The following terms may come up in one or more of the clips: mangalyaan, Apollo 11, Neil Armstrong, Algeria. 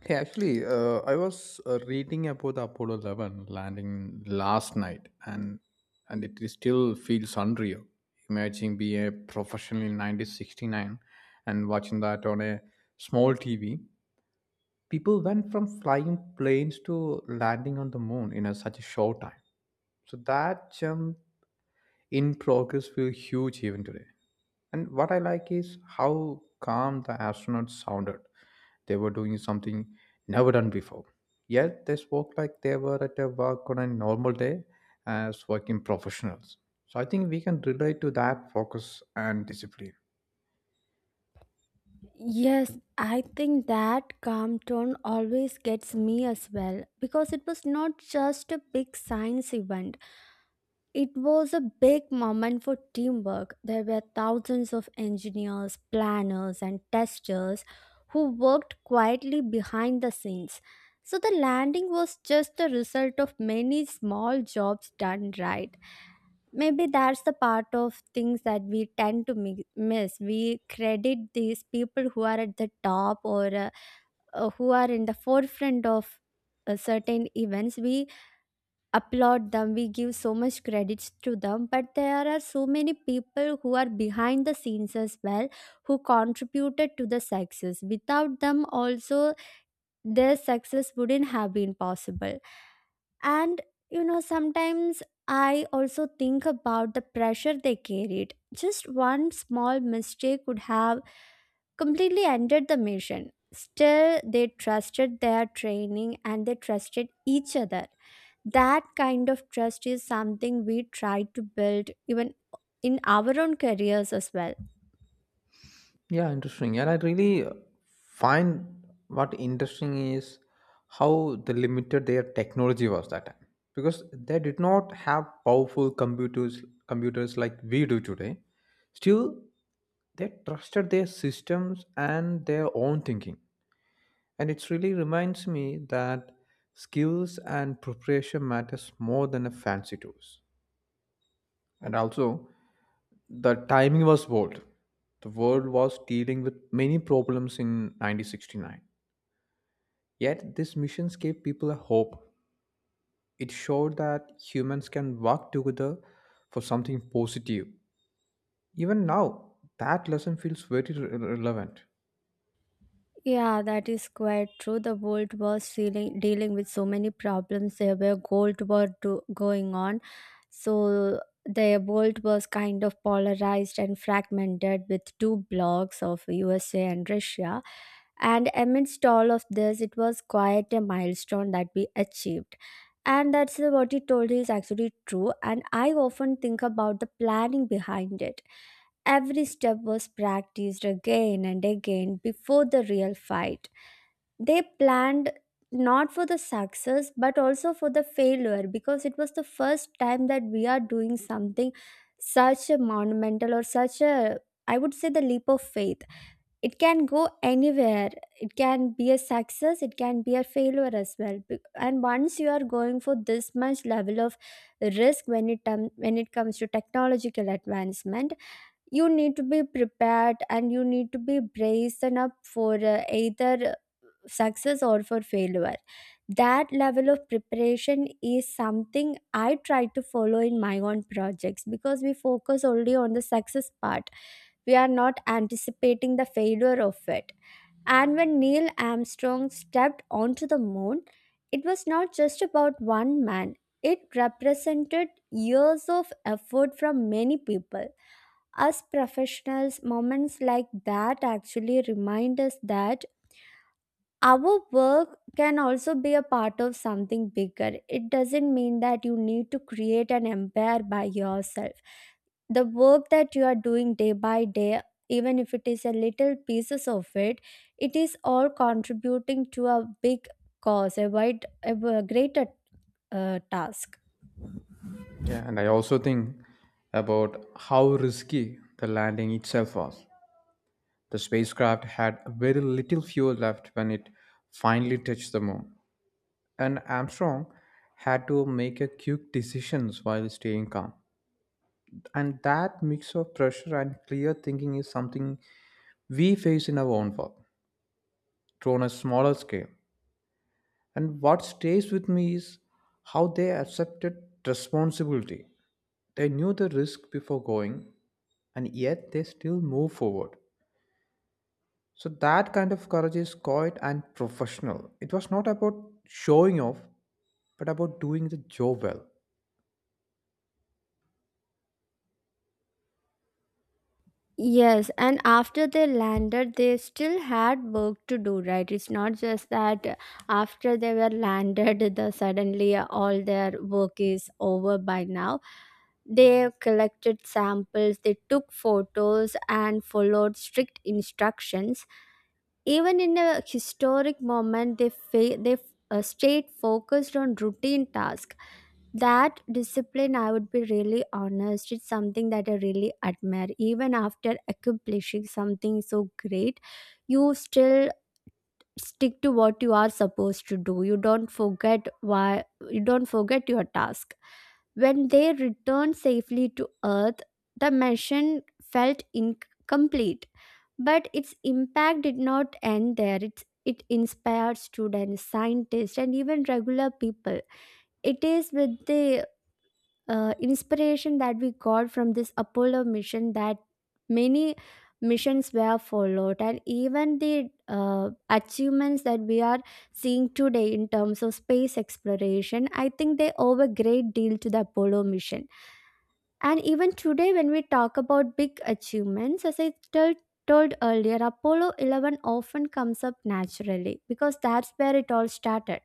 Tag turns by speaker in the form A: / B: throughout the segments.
A: Hey, actually, I was reading about the Apollo 11 landing last night, and it is still feels unreal. Imagine being a professional in 1969 and watching that on a small TV. People went from flying planes to landing on the moon in such a short time. So that jump in progress feels huge even today. And what I like is how calm the astronauts sounded. They were doing something never done before. Yet they spoke like they were at a work on a normal day as working professionals. So I think we can relate to that focus and discipline.
B: Yes, I think that calm tone always gets me as well because it was not just a big science event. It was a big moment for teamwork. There were thousands of engineers, planners, and testers who worked quietly behind the scenes. So the landing was just the result of many small jobs done right. Maybe that's the part of things that we tend to miss. We credit these people who are at the top or who are in the forefront of certain events. We applaud them, we give so much credits to them, but there are so many people who are behind the scenes as well who contributed to the success. Without them, also, their success wouldn't have been possible. And sometimes I also think about the pressure they carried. Just one small mistake could have completely ended the mission. Still, they trusted their training and they trusted each other. That kind of trust is something we try to build even in our own careers as well.
A: Yeah, interesting. And I really find what interesting is how the limited their technology was that time. Because they did not have powerful computers like we do today. Still, they trusted their systems and their own thinking, and it really reminds me that skills and preparation matters more than a fancy tools. And also, the timing was bold. The world was dealing with many problems in 1969, yet these missions gave people a hope. It showed that humans can work together for something positive. Even now, that lesson feels very relevant.
B: Yeah, that is quite true. The world was dealing with so many problems. There were gold war going on, so the world was kind of polarized and fragmented with two blocks of USA and Russia. And amidst all of this, it was quite a milestone that we achieved. And that's what he told is actually true. And I often think about the planning behind it. Every step was practiced again and again before the real fight. They planned not for the success but also for the failure because it was the first time that we are doing something such a monumental or such a, I would say, the leap of faith. It can go anywhere. It can be a success, it can be a failure as well. And once you are going for this much level of risk when it comes to technological advancement, you need to be prepared and you need to be braced enough for either success or for failure. That level of preparation is something I try to follow in my own projects because we focus only on the success part, we are not anticipating the failure of it. And when Neil Armstrong stepped onto the moon, it was not just about one man, it represented years of effort from many people. As professionals, moments like that actually remind us that our work can also be a part of something bigger. It doesn't mean that you need to create an empire by yourself. The work that you are doing day by day, even if it is a little pieces of it, it is all contributing to a big cause, a wide, a greater task.
A: Yeah, and I also think about how risky the landing itself was. The spacecraft had very little fuel left when it finally touched the moon, and Armstrong had to make a quick decisions while staying calm. And that mix of pressure and clear thinking is something we face in our own work, to on a smaller scale. And what stays with me is how they accepted responsibility. They knew the risk before going, and yet they still move forward. So that kind of courage is quiet and professional. It was not about showing off, but about doing the job well.
B: Yes, and after they landed, they still had work to do, right? It's not just that after they were landed, the suddenly all their work is over by now. They collected samples, they took photos, and followed strict instructions. Even in a historic moment, they stayed focused on routine tasks. That discipline, I would be really honest, it's something that I really admire. Even after accomplishing something so great, you still stick to what you are supposed to do. You don't forget why, you don't forget your task. When they returned safely to Earth, the mission felt incomplete but its impact did not end there. It inspired students, scientists, and even regular people. It is with the inspiration that we got from this Apollo mission that many missions were followed, and even the achievements that we are seeing today in terms of space exploration, I think they owe a great deal to the Apollo mission. And even today, when we talk about big achievements, as I told earlier, Apollo 11 often comes up naturally because that's where it all started.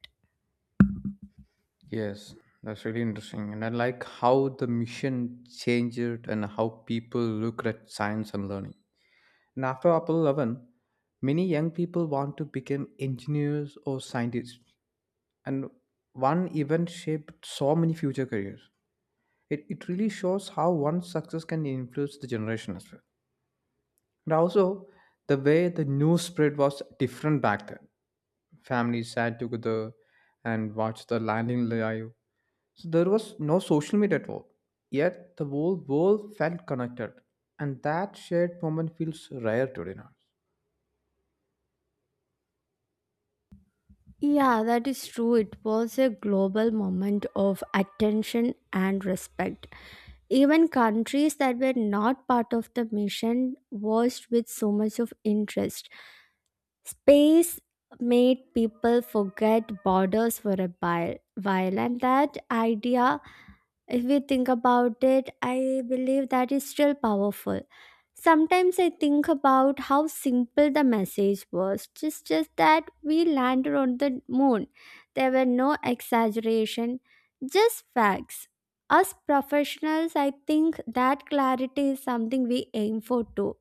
A: Yes, that's really interesting. And I like how the mission changed and how people look at science and learning. And after Apollo 11, many young people want to become engineers or scientists. And one event shaped so many future careers. It really shows how one success can influence the generation as well. And also, the way the news spread was different back then. Families sat together and watched the landing live. So there was no social media at all. Yet the whole world felt connected. And that shared moment feels rare today now.
B: Yeah, that is true. It was a global moment of attention and respect. Even countries that were not part of the mission watched with so much of interest. Space made people forget borders for a while, and that idea, if we think about it, I believe that is still powerful. Sometimes I think about how simple the message was. Just that we landed on the moon. There were no exaggeration, just facts. Us professionals, I think that clarity is something we aim for too,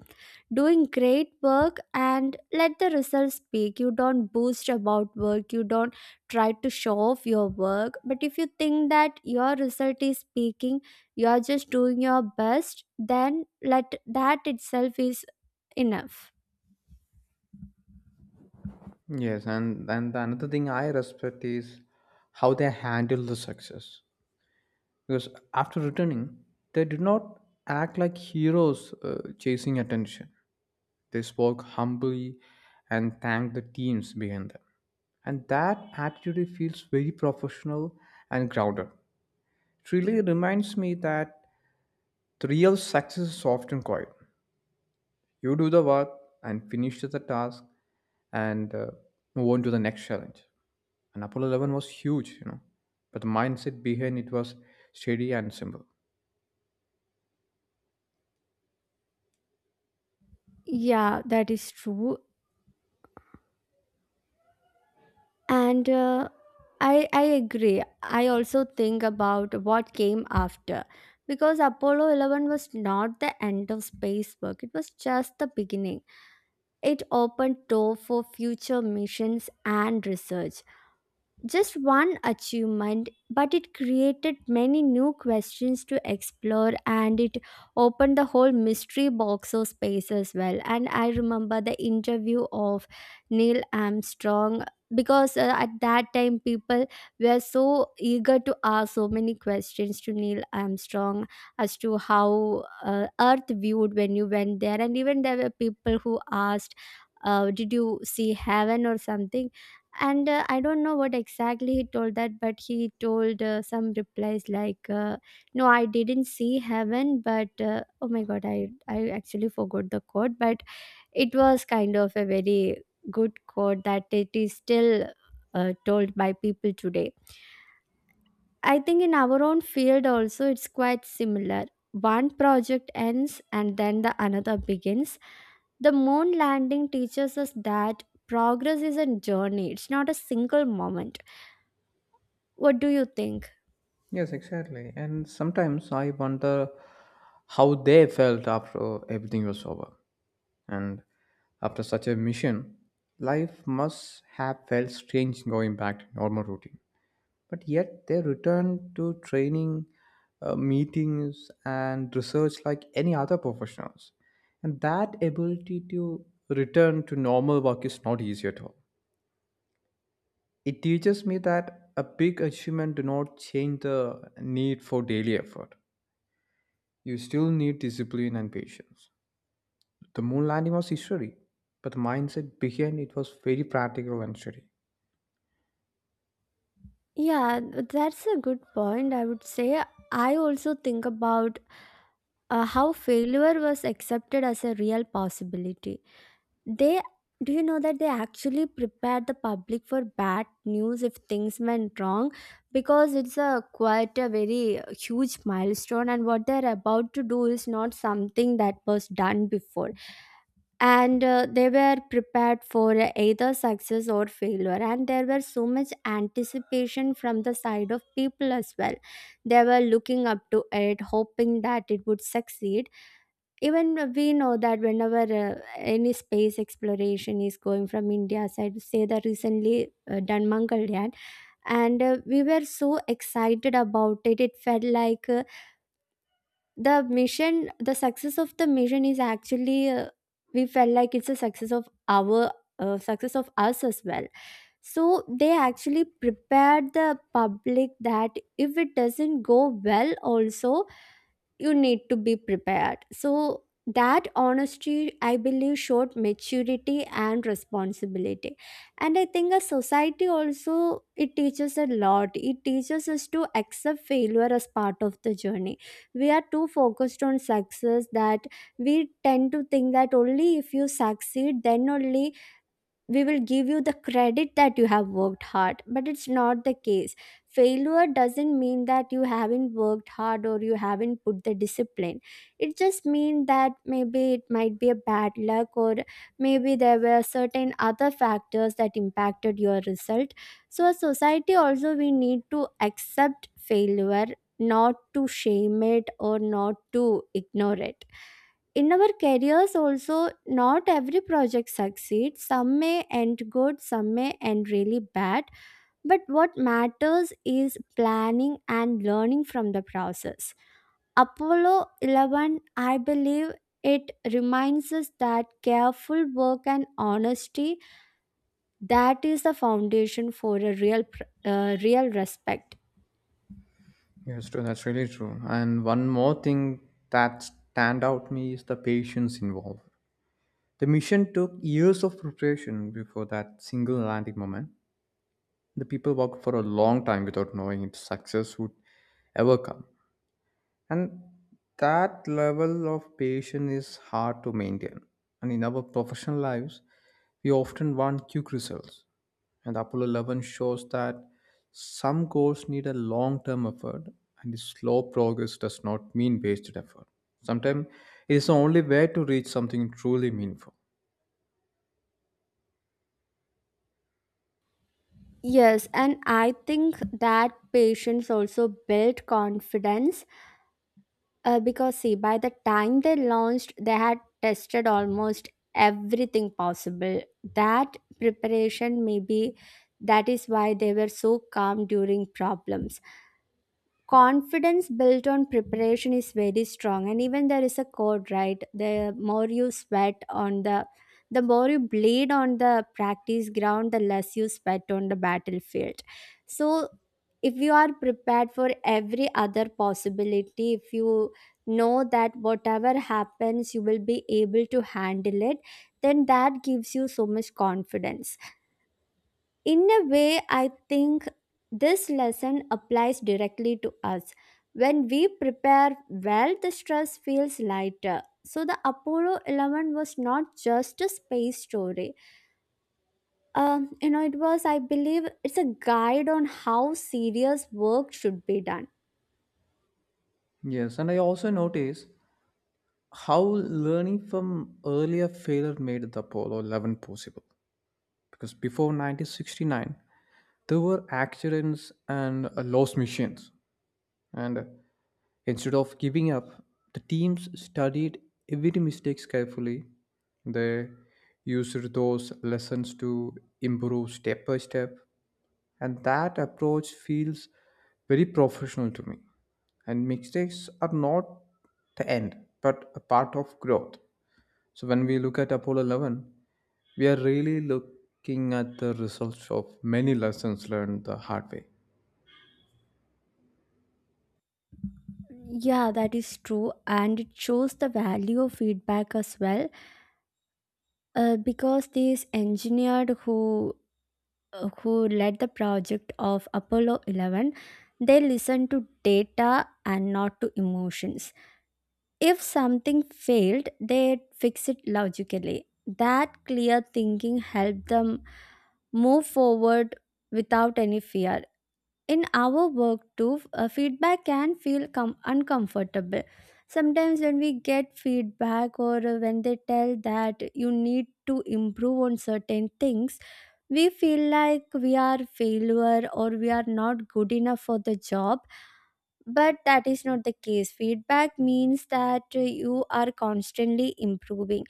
B: doing great work and let the results speak. You don't boast about work, you don't try to show off your work, but if you think that your result is speaking, you are just doing your best, then let that itself is enough.
A: Yes, and the another thing I respect is how they handle the success. Because after returning, they did not act like heroes chasing attention. They spoke humbly and thanked the teams behind them. And that attitude feels very professional and grounded. It really reminds me that the real success is often quiet. You do the work and finish the task and move on to the next challenge. And Apollo 11 was huge, you know, but the mindset behind it was steady and simple.
B: Yeah, that is true, and I agree. I also think about what came after because Apollo 11 was not the end of space work, it was just the beginning. It opened door for future missions and research, just one achievement, but it created many new questions to explore and it opened the whole mystery box of space as well. And I remember the interview of Neil Armstrong because at that time people were so eager to ask so many questions to Neil Armstrong as to how Earth viewed when you went there. And even there were people who asked, did you see heaven or something? And I don't know what exactly he told that but he told some replies like no, I didn't see heaven, but oh my god, I actually forgot the quote but it was kind of a very good quote that it is still told by people today. I think in our own field also it's quite similar. One project ends and then the another begins. The moon landing teaches us that progress is a journey, it's not a single moment. What do you think?
A: Yes, exactly. And sometimes I wonder how they felt after everything was over. And after such a mission, life must have felt strange going back to normal routine. But yet they returned to training, meetings, and research like any other professionals. And that ability to return to normal work is not easy at all. It teaches me that a big achievement do not change the need for daily effort. You still need discipline and patience. The moon landing was history, but the mindset behind it was very practical and steady.
B: Yeah, that's a good point. I would say I also think about how failure was accepted as a real possibility. They, do you know that they actually prepared the public for bad news if things went wrong, because it's a quite a very huge milestone and what they're about to do is not something that was done before. And they were prepared for either success or failure and there were so much anticipation from the side of people as well. They were looking up to it, hoping that it would succeed. Even we know that whenever any space exploration is going from India side, say the recently done Mangalyaan, and we were so excited about it. It felt like the mission, the success of the mission is actually we felt like it's a success of our success of us as well. So they actually prepared the public that if it doesn't go well also, you need to be prepared. So that honesty, I believe, showed maturity and responsibility. And I think a society also it teaches a lot. It teaches us to accept failure as part of the journey. We are too focused on success that we tend to think that only if you succeed, then only we will give you the credit that you have worked hard, but it's not the case. Failure doesn't mean that you haven't worked hard or you haven't put the discipline. It just means that maybe it might be a bad luck or maybe there were certain other factors that impacted your result. So as society also we need to accept failure, not to shame it or not to ignore it. In our careers also, not every project succeeds. Some may end good, some may end really bad, but what matters is planning and learning from the process. Apollo 11, I believe, it reminds us that careful work and honesty, that is the foundation for a real real respect.
A: Yes, true. That's really true. And one more thing that stand out me is the patience involved. The mission took years of preparation before that single landing moment. The people worked for a long time without knowing if success would ever come. And that level of patience is hard to maintain. And in our professional lives, we often want quick results. And Apollo 11 shows that some goals need a long term effort, and the slow progress does not mean wasted effort. Sometimes it is the only way to reach something truly meaningful.
B: Yes, and I think that patience also build confidence. Because see, by the time they launched, they had tested almost everything possible. That preparation, maybe that is why they were so calm during problems. Confidence built on preparation is very strong. And even there is a code, right? The more you sweat on the more you bleed on the practice ground, the less you sweat on the battlefield. So if you are prepared for every other possibility, if you know that whatever happens you will be able to handle it, then that gives you so much confidence. In a way, I think this lesson applies directly to us. When we prepare well, the stress feels lighter. So the Apollo 11 was not just a space story. You know, it was, I believe, it's a guide on how serious work should be done.
A: Yes, and I also notice how learning from earlier failure made the Apollo 11 possible. Because before 1969, there were accidents and lost missions. And instead of giving up, the teams studied every mistake carefully. They used those lessons to improve step by step, and that approach feels very professional to me. And mistakes are not the end, but a part of growth. So when we look at Apollo 11, we are really looking at the results of many lessons learned the hard way.
B: Yeah, that is true, and it shows the value of feedback as well. Because these engineers who led the project of Apollo 11, they listened to data and not to emotions. If something failed, they fixed it logically. That clear thinking helped them move forward without any fear. In our work too, feedback can feel uncomfortable. Sometimes when we get feedback or when they tell that you need to improve on certain things, we feel like we are failure or we are not good enough for the job, but that is not the case. Feedback means that you are constantly improving,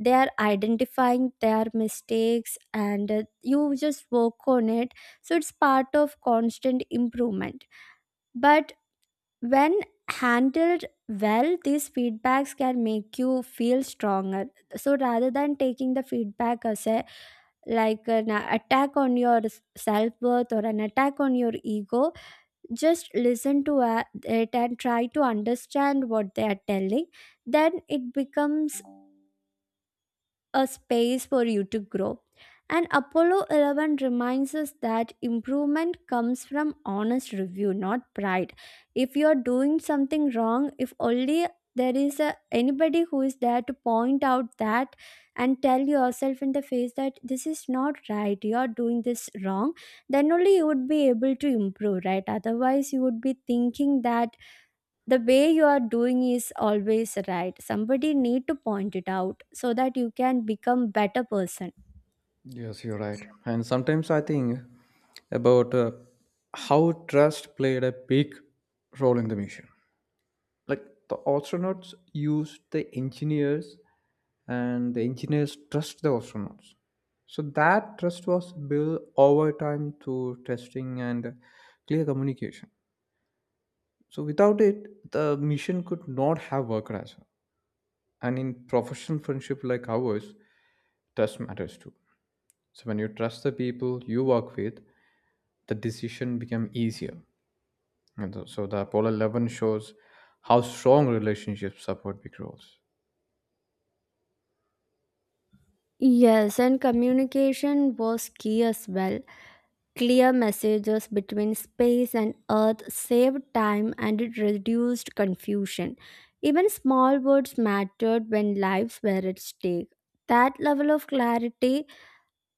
B: they are identifying their mistakes and you just work on it, so it's part of constant improvement. But when handled well, these feedbacks can make you feel stronger. So rather than taking the feedback as a, like an attack on your self-worth or an attack on your ego, just listen to it and try to understand what they are telling. Then it becomes a space for you to grow. And Apollo 11 reminds us that improvement comes from honest review, not pride. If you are doing something wrong, if only there is a, anybody who is there to point out that and tell yourself in the face that this is not right, you are doing this wrong, then only you would be able to improve, right? Otherwise, you would be thinking that the way you are doing is always right. Somebody need to point it out so that you can become better person.
A: Yes, you're right. And sometimes I think about how trust played a big role in the mission. Like the astronauts used the engineers, and the engineers trust the astronauts. So that trust was built over time through testing and clear communication. So without it, the mission could not have worked as well. And in professional friendship like ours, trust matters too. So when you trust the people you work with, the decision become easier. And so the Apollo 11 shows how strong relationships support big roles.
B: Yes, and communication was key as well. Clear messages between space and earth saved time and it reduced confusion. Even small words mattered when lives were at stake. That level of clarity,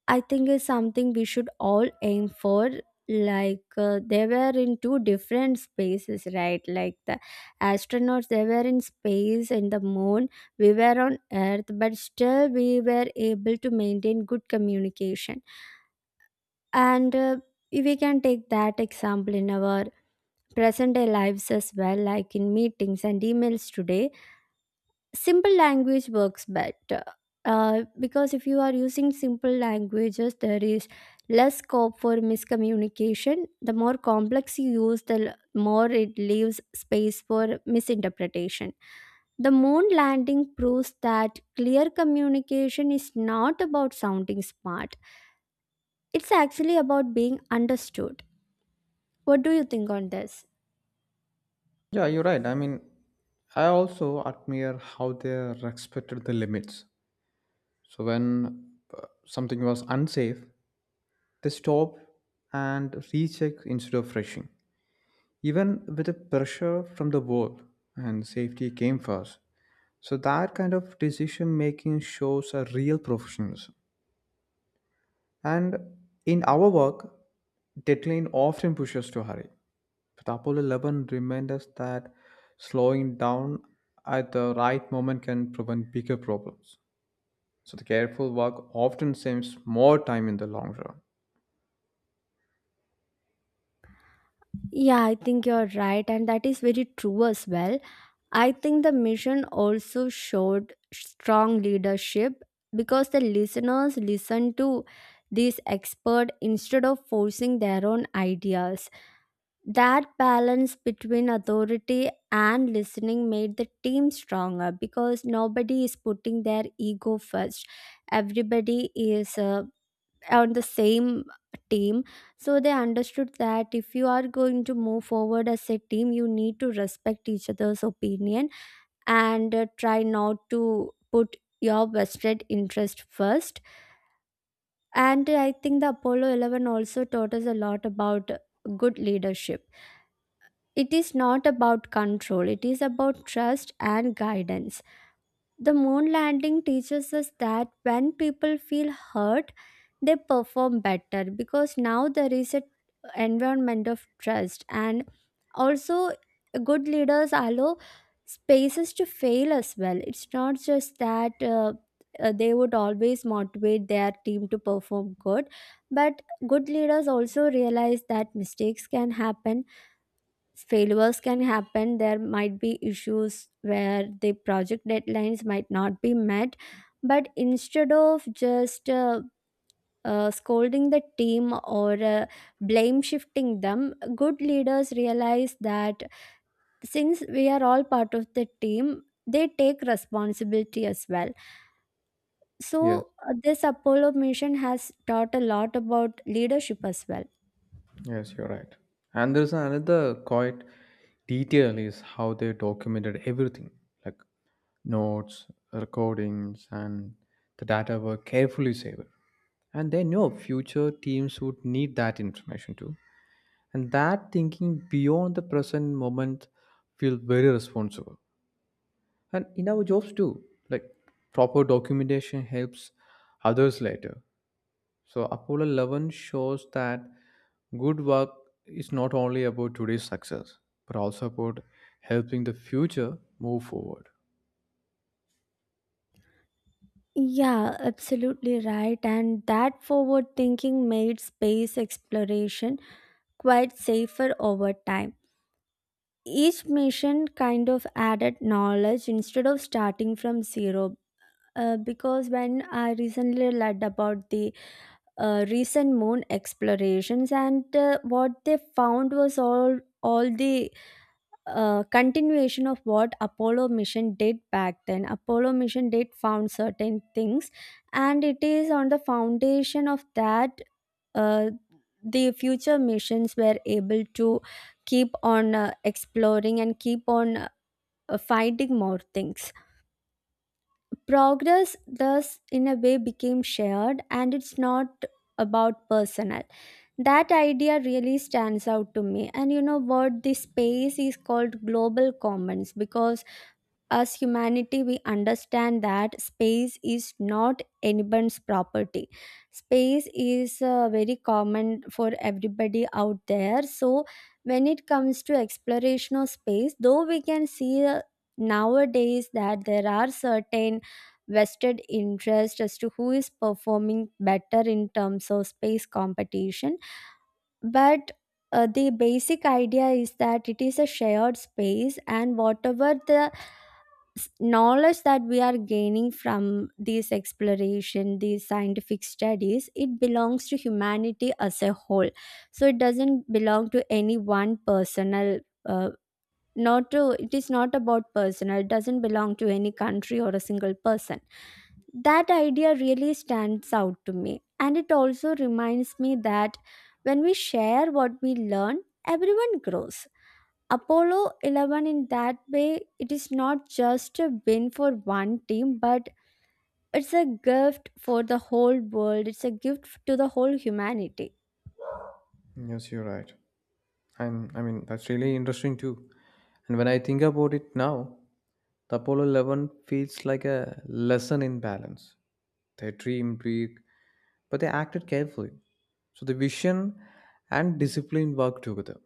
B: I think, is something we should all aim for. Like they were in two different spaces, right? Like the astronauts, they were in space in the moon. We were on Earth, but still we were able to maintain good communication. And we can take that example in our present day lives as well, like in meetings and emails today, simple language works better, because if you are using simple languages there is less scope for miscommunication. The more complex you use the more it leaves space for misinterpretation. The moon landing proves that clear communication is not about sounding smart, it's actually about being understood. What do you think on this?
A: Yeah, you're right. I mean, I also admire how they respected the limits. So when something was unsafe, they stop and recheck instead of rushing. Even with the pressure from the world, and safety came first. So that kind of decision making shows a real professionalism. And in our work, deadline often pushes us to hurry. But Apollo 11 reminds us that slowing down at the right moment can prevent bigger problems. So the careful work often saves more time in the long run.
B: Yeah, I think you're right, and that is very true as well. I think the mission also showed strong leadership because the listeners listened to these expert instead of forcing their own ideas. That balance between authority and listening made the team stronger because nobody is putting their ego first. Everybody is on the same team, so they understood that if you are going to move forward as a team you need to respect each other's opinion, and try not to put your vested interest first. And I think the Apollo 11 also taught us a lot about good leadership. It is not about control, it is about trust and guidance. The moon landing teaches us that when people feel hurt, they perform better because now there is an environment of trust. And also, good leaders allow spaces to fail as well. It's not just that they would always motivate their team to perform good, but good leaders also realize that mistakes can happen, failures can happen, there might be issues where the project deadlines might not be met. But instead of just scolding the team or blame shifting them, good leaders realize that since we are all part of the team, they take responsibility as well.
A: Yes,
B: So this Apollo mission has taught a lot about leadership as well.
A: yes, you're right. And there's another quite detail is how they documented everything, like notes, recordings, and the data were carefully saved. And they know future teams would need that information too. And that thinking beyond the present moment feels very responsible. And in our jobs too, like proper documentation helps others later. So Apollo 11 shows that good work is not only about today's success, but also about helping the future move forward.
B: Yeah, absolutely right. And that forward thinking made space exploration quite safer over time. Each mission kind of added knowledge instead of starting from zero. Because when I recently read about the recent moon explorations, and what they found was all the a continuation of what Apollo mission did back then. Apollo mission did found certain things and it is on the foundation of that, uh, the future missions were able to keep on exploring and keep on finding more things. Progress thus in a way became shared and it's not about personal. That idea really stands out to me. And you know what, the space is called global commons because as humanity, we understand that space is not anyone's property. Space is very common for everybody out there. So, when it comes to exploration of space, though we can see nowadays that there are certain vested interest as to who is performing better in terms of space competition, but the basic idea is that it is a shared space, and whatever the knowledge that we are gaining from this exploration, these scientific studies, it belongs to humanity as a whole. So it doesn't belong to any one personal, uh, not to, it is not about personal, it doesn't belong to any country or a single person. That idea really stands out to me, and it also reminds me that when we share what we learn, everyone grows. Apollo 11 in that way, it is not just a win for one team, but it's a gift for the whole world, it's a gift to the whole humanity.
A: Yes, you're right. I mean, that's really interesting too. And when I think about it now, the Apollo 11 feels like a lesson in balance. They dreamed big, but they acted carefully. So the vision and discipline work together.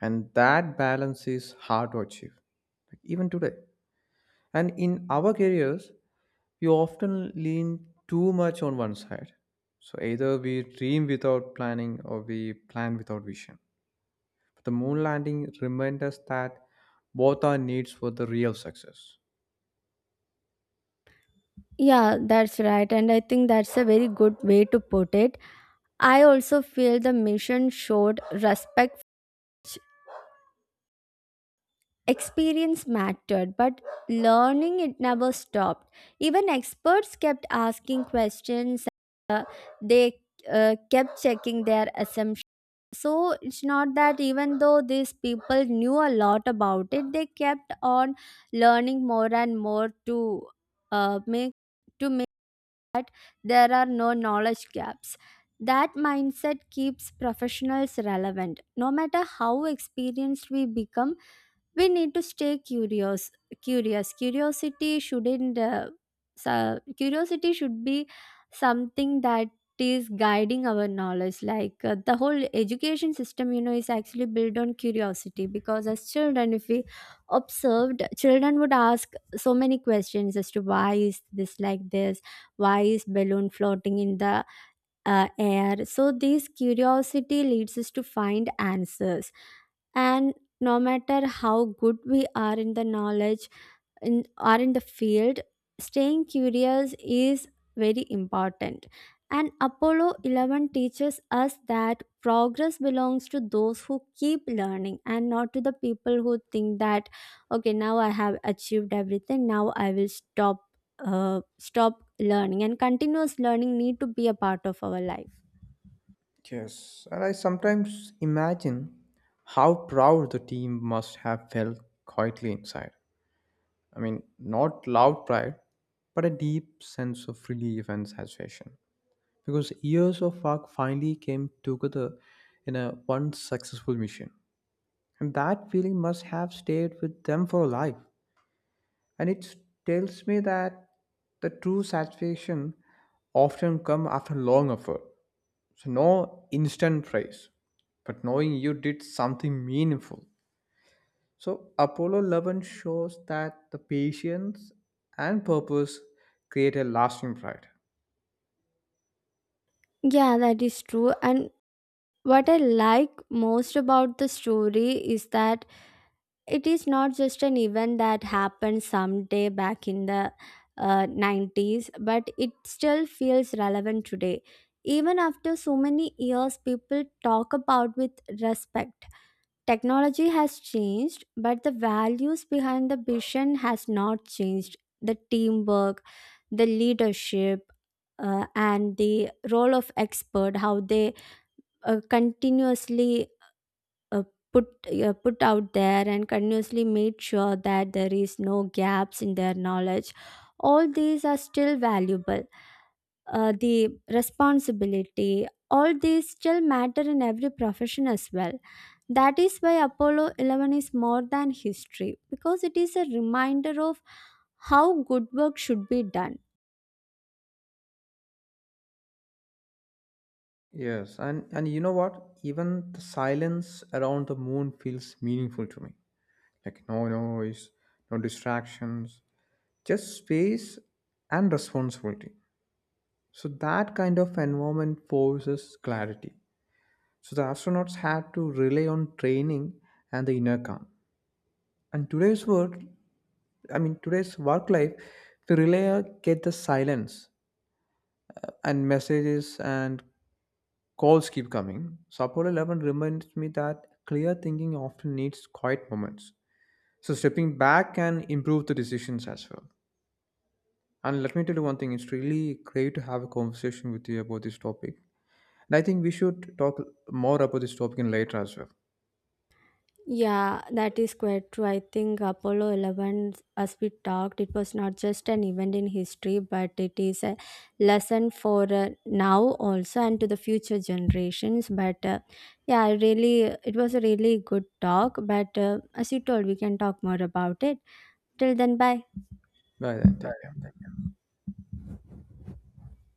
A: And that balance is hard to achieve, like even today. And in our careers, we often lean too much on one side. So either we dream without planning or we plan without vision. The moon landing reminds us that both are needs for the real success.
B: Yeah, that's right, and I think that's a very good way to put it. I also feel the mission showed respect. Experience mattered but learning it never stopped. Even experts kept asking questions. They kept checking their assumptions. So it's not that even though these people knew a lot about it, they kept on learning more and more to uh, make make there are no knowledge gaps. That mindset keeps professionals relevant. No matter how experienced we become, we need to stay curious. Curious curiosity shouldn't uh, so curiosity should be something that is guiding our knowledge. Like the whole education system, you know, is actually built on curiosity, because as children, if we observed, children would ask so many questions as to why is this like this, why is balloon floating in the air. So this curiosity leads us to find answers. And no matter how good we are in the knowledge, are in the field, staying curious is very important. And Apollo 11 teaches us that progress belongs to those who keep learning and not to the people who think that, okay, now I have achieved everything, now I will stop. Stop learning, and continuous learning need to be a part of our life.
A: Yes, and I sometimes imagine how proud the team must have felt quietly inside. I mean, not loud pride, but a deep sense of relief and satisfaction. Because years of work finally came together in a one successful mission. And that feeling must have stayed with them for life. And it tells me that the true satisfaction often come after long effort. So no instant praise, but knowing you did something meaningful. So Apollo 11 shows that the patience and purpose create a lasting pride.
B: Yeah, that is true, and what I like most about the story is that it is not just an event that happened someday back in the '90s, but it still feels relevant today. Even after so many years, people talk about with respect. Technology has changed but the values behind the vision has not changed. The teamwork, the leadership, and the role of expert, how they continuously uh, put put out there and continuously made sure that there is no gaps in their knowledge, all these are still valuable. The responsibility, all these still matter in every profession as well. That is why Apollo 11 is more than history, because it is a reminder of how good work should be done.
A: Yes, and you know what, even the silence around the moon feels meaningful to me. Like no noise, no distractions, just space and responsibility. So that kind of environment forces clarity. So the astronauts had to rely on training and the inner calm. And today's work, I mean today's work life, we rely get the silence, and messages and calls keep coming. So Apollo 11 reminds me that clear thinking often needs quiet moments. So stepping back can improve the decisions as well. And let me tell you one thing, it's really great to have a conversation with you about this topic. And I think we should talk more about this topic in later as well.
B: Yeah, that is quite true. I think Apollo 11, as we talked, it was not just an event in history, but it is a lesson for now also and to the future generations. But yeah, I really, it was a really good talk. But as you told, we can talk more about it. Till then, bye.
A: Bye then. Take care.